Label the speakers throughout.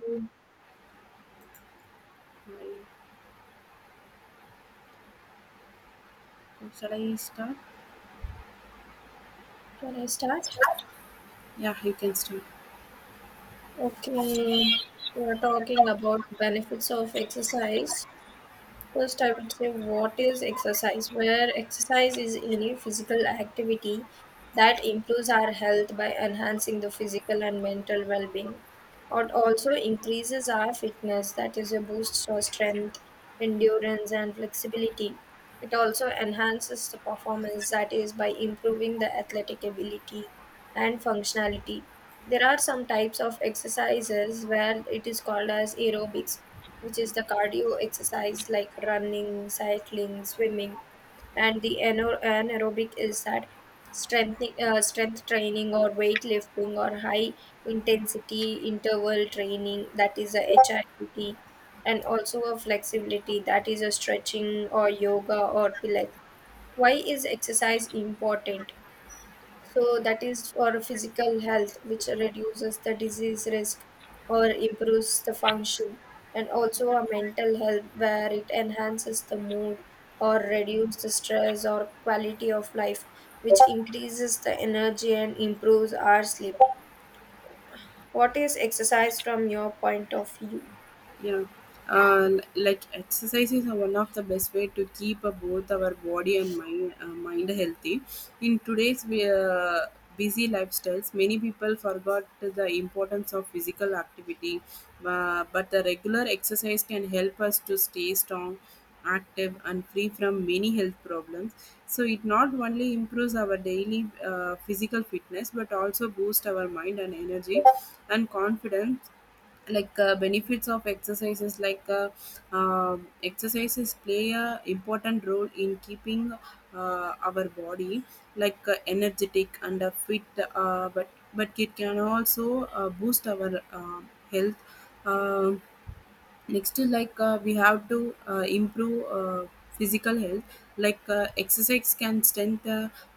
Speaker 1: Can
Speaker 2: Right. So shall I start?
Speaker 1: I start?
Speaker 2: Yeah, you can start.
Speaker 1: Okay, we are talking about benefits of exercise. First, I would say what is exercise? Where exercise is any physical activity that improves our health by enhancing the physical and mental well being. It also increases our fitness, that is, a boost for strength, endurance, and flexibility. It also enhances the performance, that is, by improving the athletic ability and functionality. There are some types of exercises where it is called as aerobics, which is the cardio exercise like running, cycling, swimming, and the anaerobic is that strength training or weightlifting or high intensity interval training, that is a HIIT, and also a flexibility, that is a stretching or yoga or pilates. Why is exercise important? So that is for physical health, which reduces the disease risk or improves the function, and also a mental health where it enhances the mood or reduces the stress or quality of life, which increases the energy and improves our sleep. What is exercise from your point of view?
Speaker 2: Yeah, like exercise is one of the best way to keep both our body and mind healthy. In today's busy lifestyles, many people forgot the importance of physical activity, but the regular exercise can help us to stay strong, active, and free from many health problems. So it not only improves our daily physical fitness, but also boosts our mind and energy and confidence, benefits of exercises exercises play a important role in keeping our body energetic and fit. Uh, but but it can also boost our health. um Next to, we have to improve physical health. Exercise can strengthen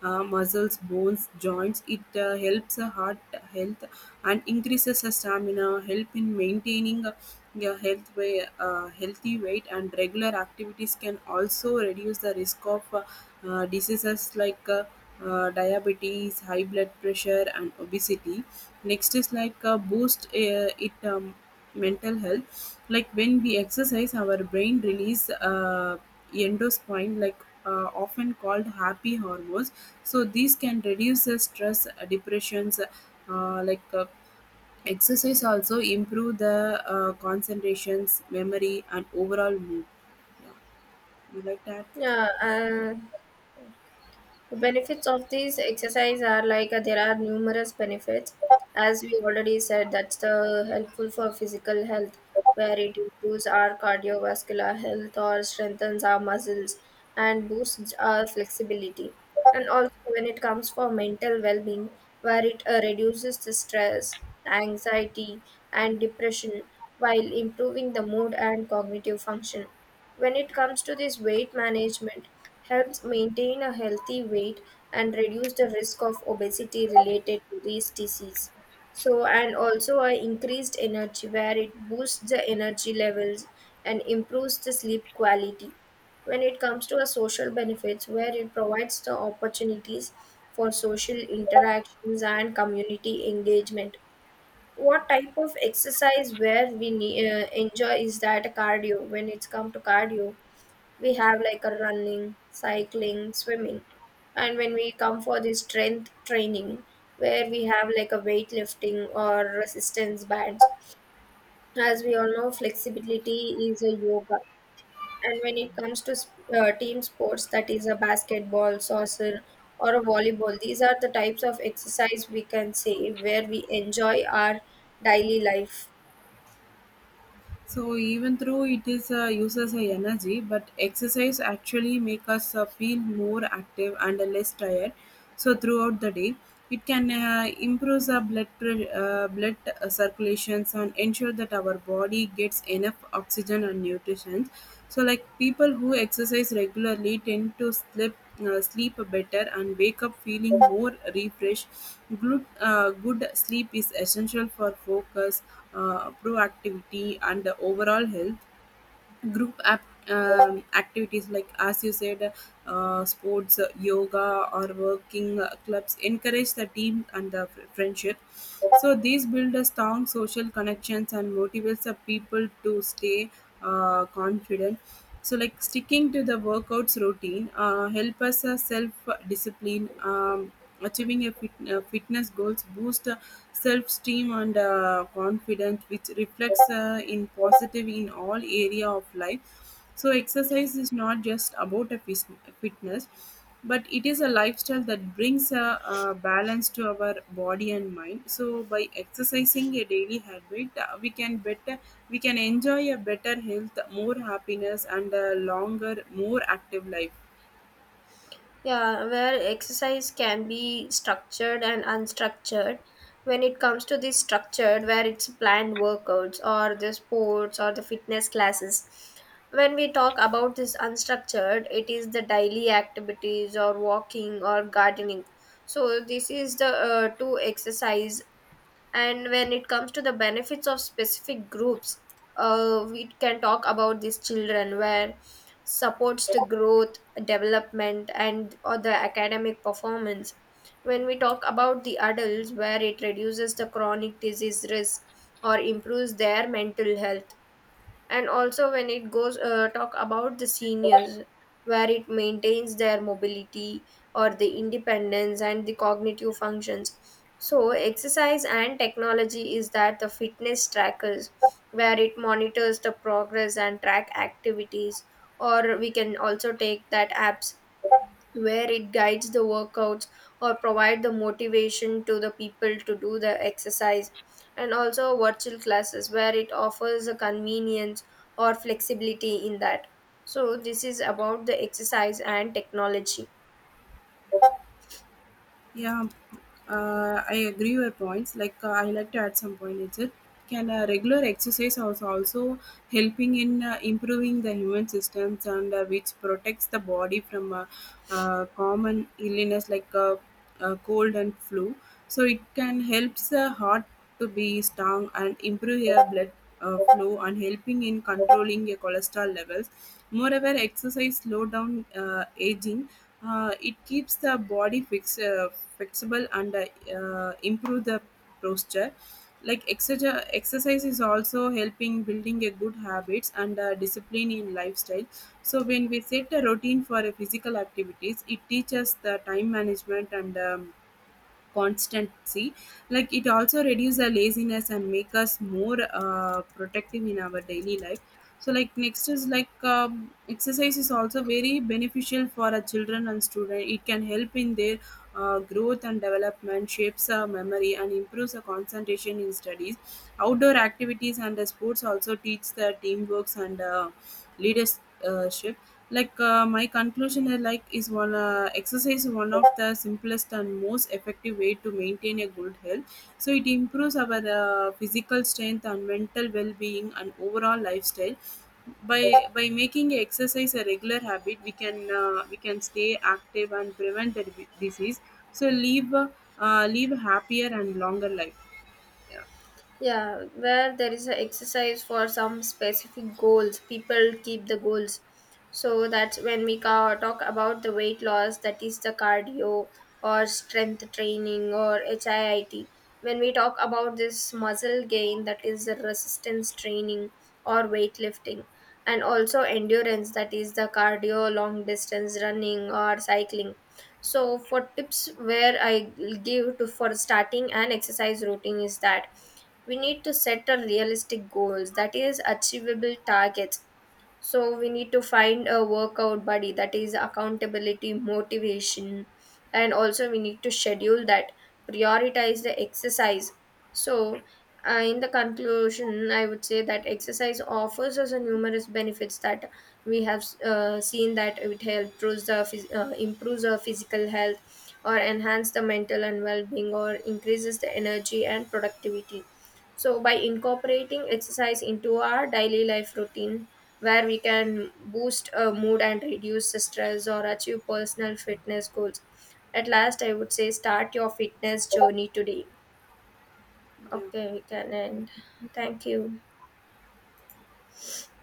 Speaker 2: muscles, bones, joints. It helps the heart health and increases the stamina, help in maintaining healthy weight, and regular activities can also reduce the risk of diseases diabetes, high blood pressure, and obesity. Next is, boost, it mental health. Like when we exercise, our brain release endospine, often called happy hormones. So these can reduce the stress, depressions. Exercise also improve the concentrations, memory, and overall mood. Yeah, you like that?
Speaker 1: Yeah. The benefits of these exercise are there are numerous benefits. As we already said, that's the helpful for physical health, where it improves our cardiovascular health or strengthens our muscles and boosts our flexibility. And also when it comes for mental well-being, where it reduces the stress, anxiety, and depression while improving the mood and cognitive function. When it comes to this weight management, helps maintain a healthy weight and reduce the risk of obesity related to these disease. So and also a increased energy where it boosts the energy levels and improves the sleep quality. When it comes to a social benefits, where it provides the opportunities for social interactions and community engagement. What type of exercise where we enjoy is that cardio. When it's come to cardio, we have like a running, cycling, swimming, and when we come for the strength training, where we have like a weightlifting or resistance bands. As we all know, flexibility is a yoga, and when it comes to team sports, that is a basketball, soccer, or a volleyball. These are the types of exercise we can say where we enjoy our daily life.
Speaker 2: So even though it is uses a energy, but exercise actually make us feel more active and less tired. So throughout the day, it can improve our blood circulations and ensure that our body gets enough oxygen and nutrition. So like people who exercise regularly tend to sleep better and wake up feeling more refreshed. Good sleep is essential for focus, proactivity, and the overall health. Group app, activities like, as you said, sports, yoga, or working clubs encourage the team and the friendship. So these build a strong social connections and motivates the people to stay confident. So like sticking to the workouts routine help us self discipline. Achieving a fitness goals boost self esteem and confidence, which reflects in positive in all area of life. So exercise is not just about a fitness, but it is a lifestyle that brings a, balance to our body and mind. So by exercising a daily habit, we can enjoy a better health, more happiness, and a longer, more active life.
Speaker 1: Yeah, where exercise can be structured and unstructured. When it comes to the structured, where it's planned workouts or the sports or the fitness classes. When we talk about this unstructured, it is the daily activities or walking or gardening. So this is the two exercise. And when it comes to the benefits of specific groups, we can talk about these children where supports the growth, development, and or the academic performance. When we talk about the adults, where it reduces the chronic disease risk or improves their mental health. And also when it goes talk about the seniors, where it maintains their mobility or the independence and the cognitive functions. So exercise and technology is that the fitness trackers, where it monitors the progress and track activities, or we can also take that apps, where it guides the workouts or provide the motivation to the people to do the exercise. And also virtual classes, where it offers a convenience or flexibility in that. So this is about the exercise and technology.
Speaker 2: Yeah, I agree your points. Like I like to add some point. It can, regular exercise also helping in improving the human systems and which protects the body from common illness cold and flu. So it can helps the heart to be strong and improve your blood flow and helping in controlling your cholesterol levels. Moreover, exercise slow down aging. It keeps the body flexible and improve the posture. Like exercise is also helping building a good habits and discipline in lifestyle. So when we set a routine for a physical activities, it teaches the time management and constancy. Like it also reduce the laziness and make us more protective in our daily life. So like next is like, exercise is also very beneficial for a children and student. It can help in their growth and development, shapes our memory and improves the concentration in studies. Outdoor activities and the sports also teach the teamworks and leadership. My conclusion is like, is one exercise is one of the simplest and most effective way to maintain a good health. So it improves our physical strength and mental well-being and overall lifestyle. By by making exercise a regular habit, we can stay active and prevent the disease. So live happier and longer life. Yeah.
Speaker 1: Yeah, where there is an exercise for some specific goals, people keep the goals. So that's when we talk about the weight loss, that is the cardio or strength training or HIIT. When we talk about this muscle gain, that is the resistance training or weightlifting, and also endurance, that is the cardio, long distance running or cycling. So for tips where I give to for starting an exercise routine is that we need to set a realistic goals, that is achievable targets. So we need to find a workout buddy, that is accountability motivation, and also we need to schedule that, prioritize the exercise. So in the conclusion, I would say that exercise offers us a numerous benefits that we have seen, that it helps the improves our physical health or enhance the mental and well-being or increases the energy and productivity. So by incorporating exercise into our daily life routine, where we can boost a mood and reduce stress or achieve personal fitness goals. At last, I would say start your fitness journey today. Okay,
Speaker 2: Yeah.
Speaker 1: we can end. Thank you.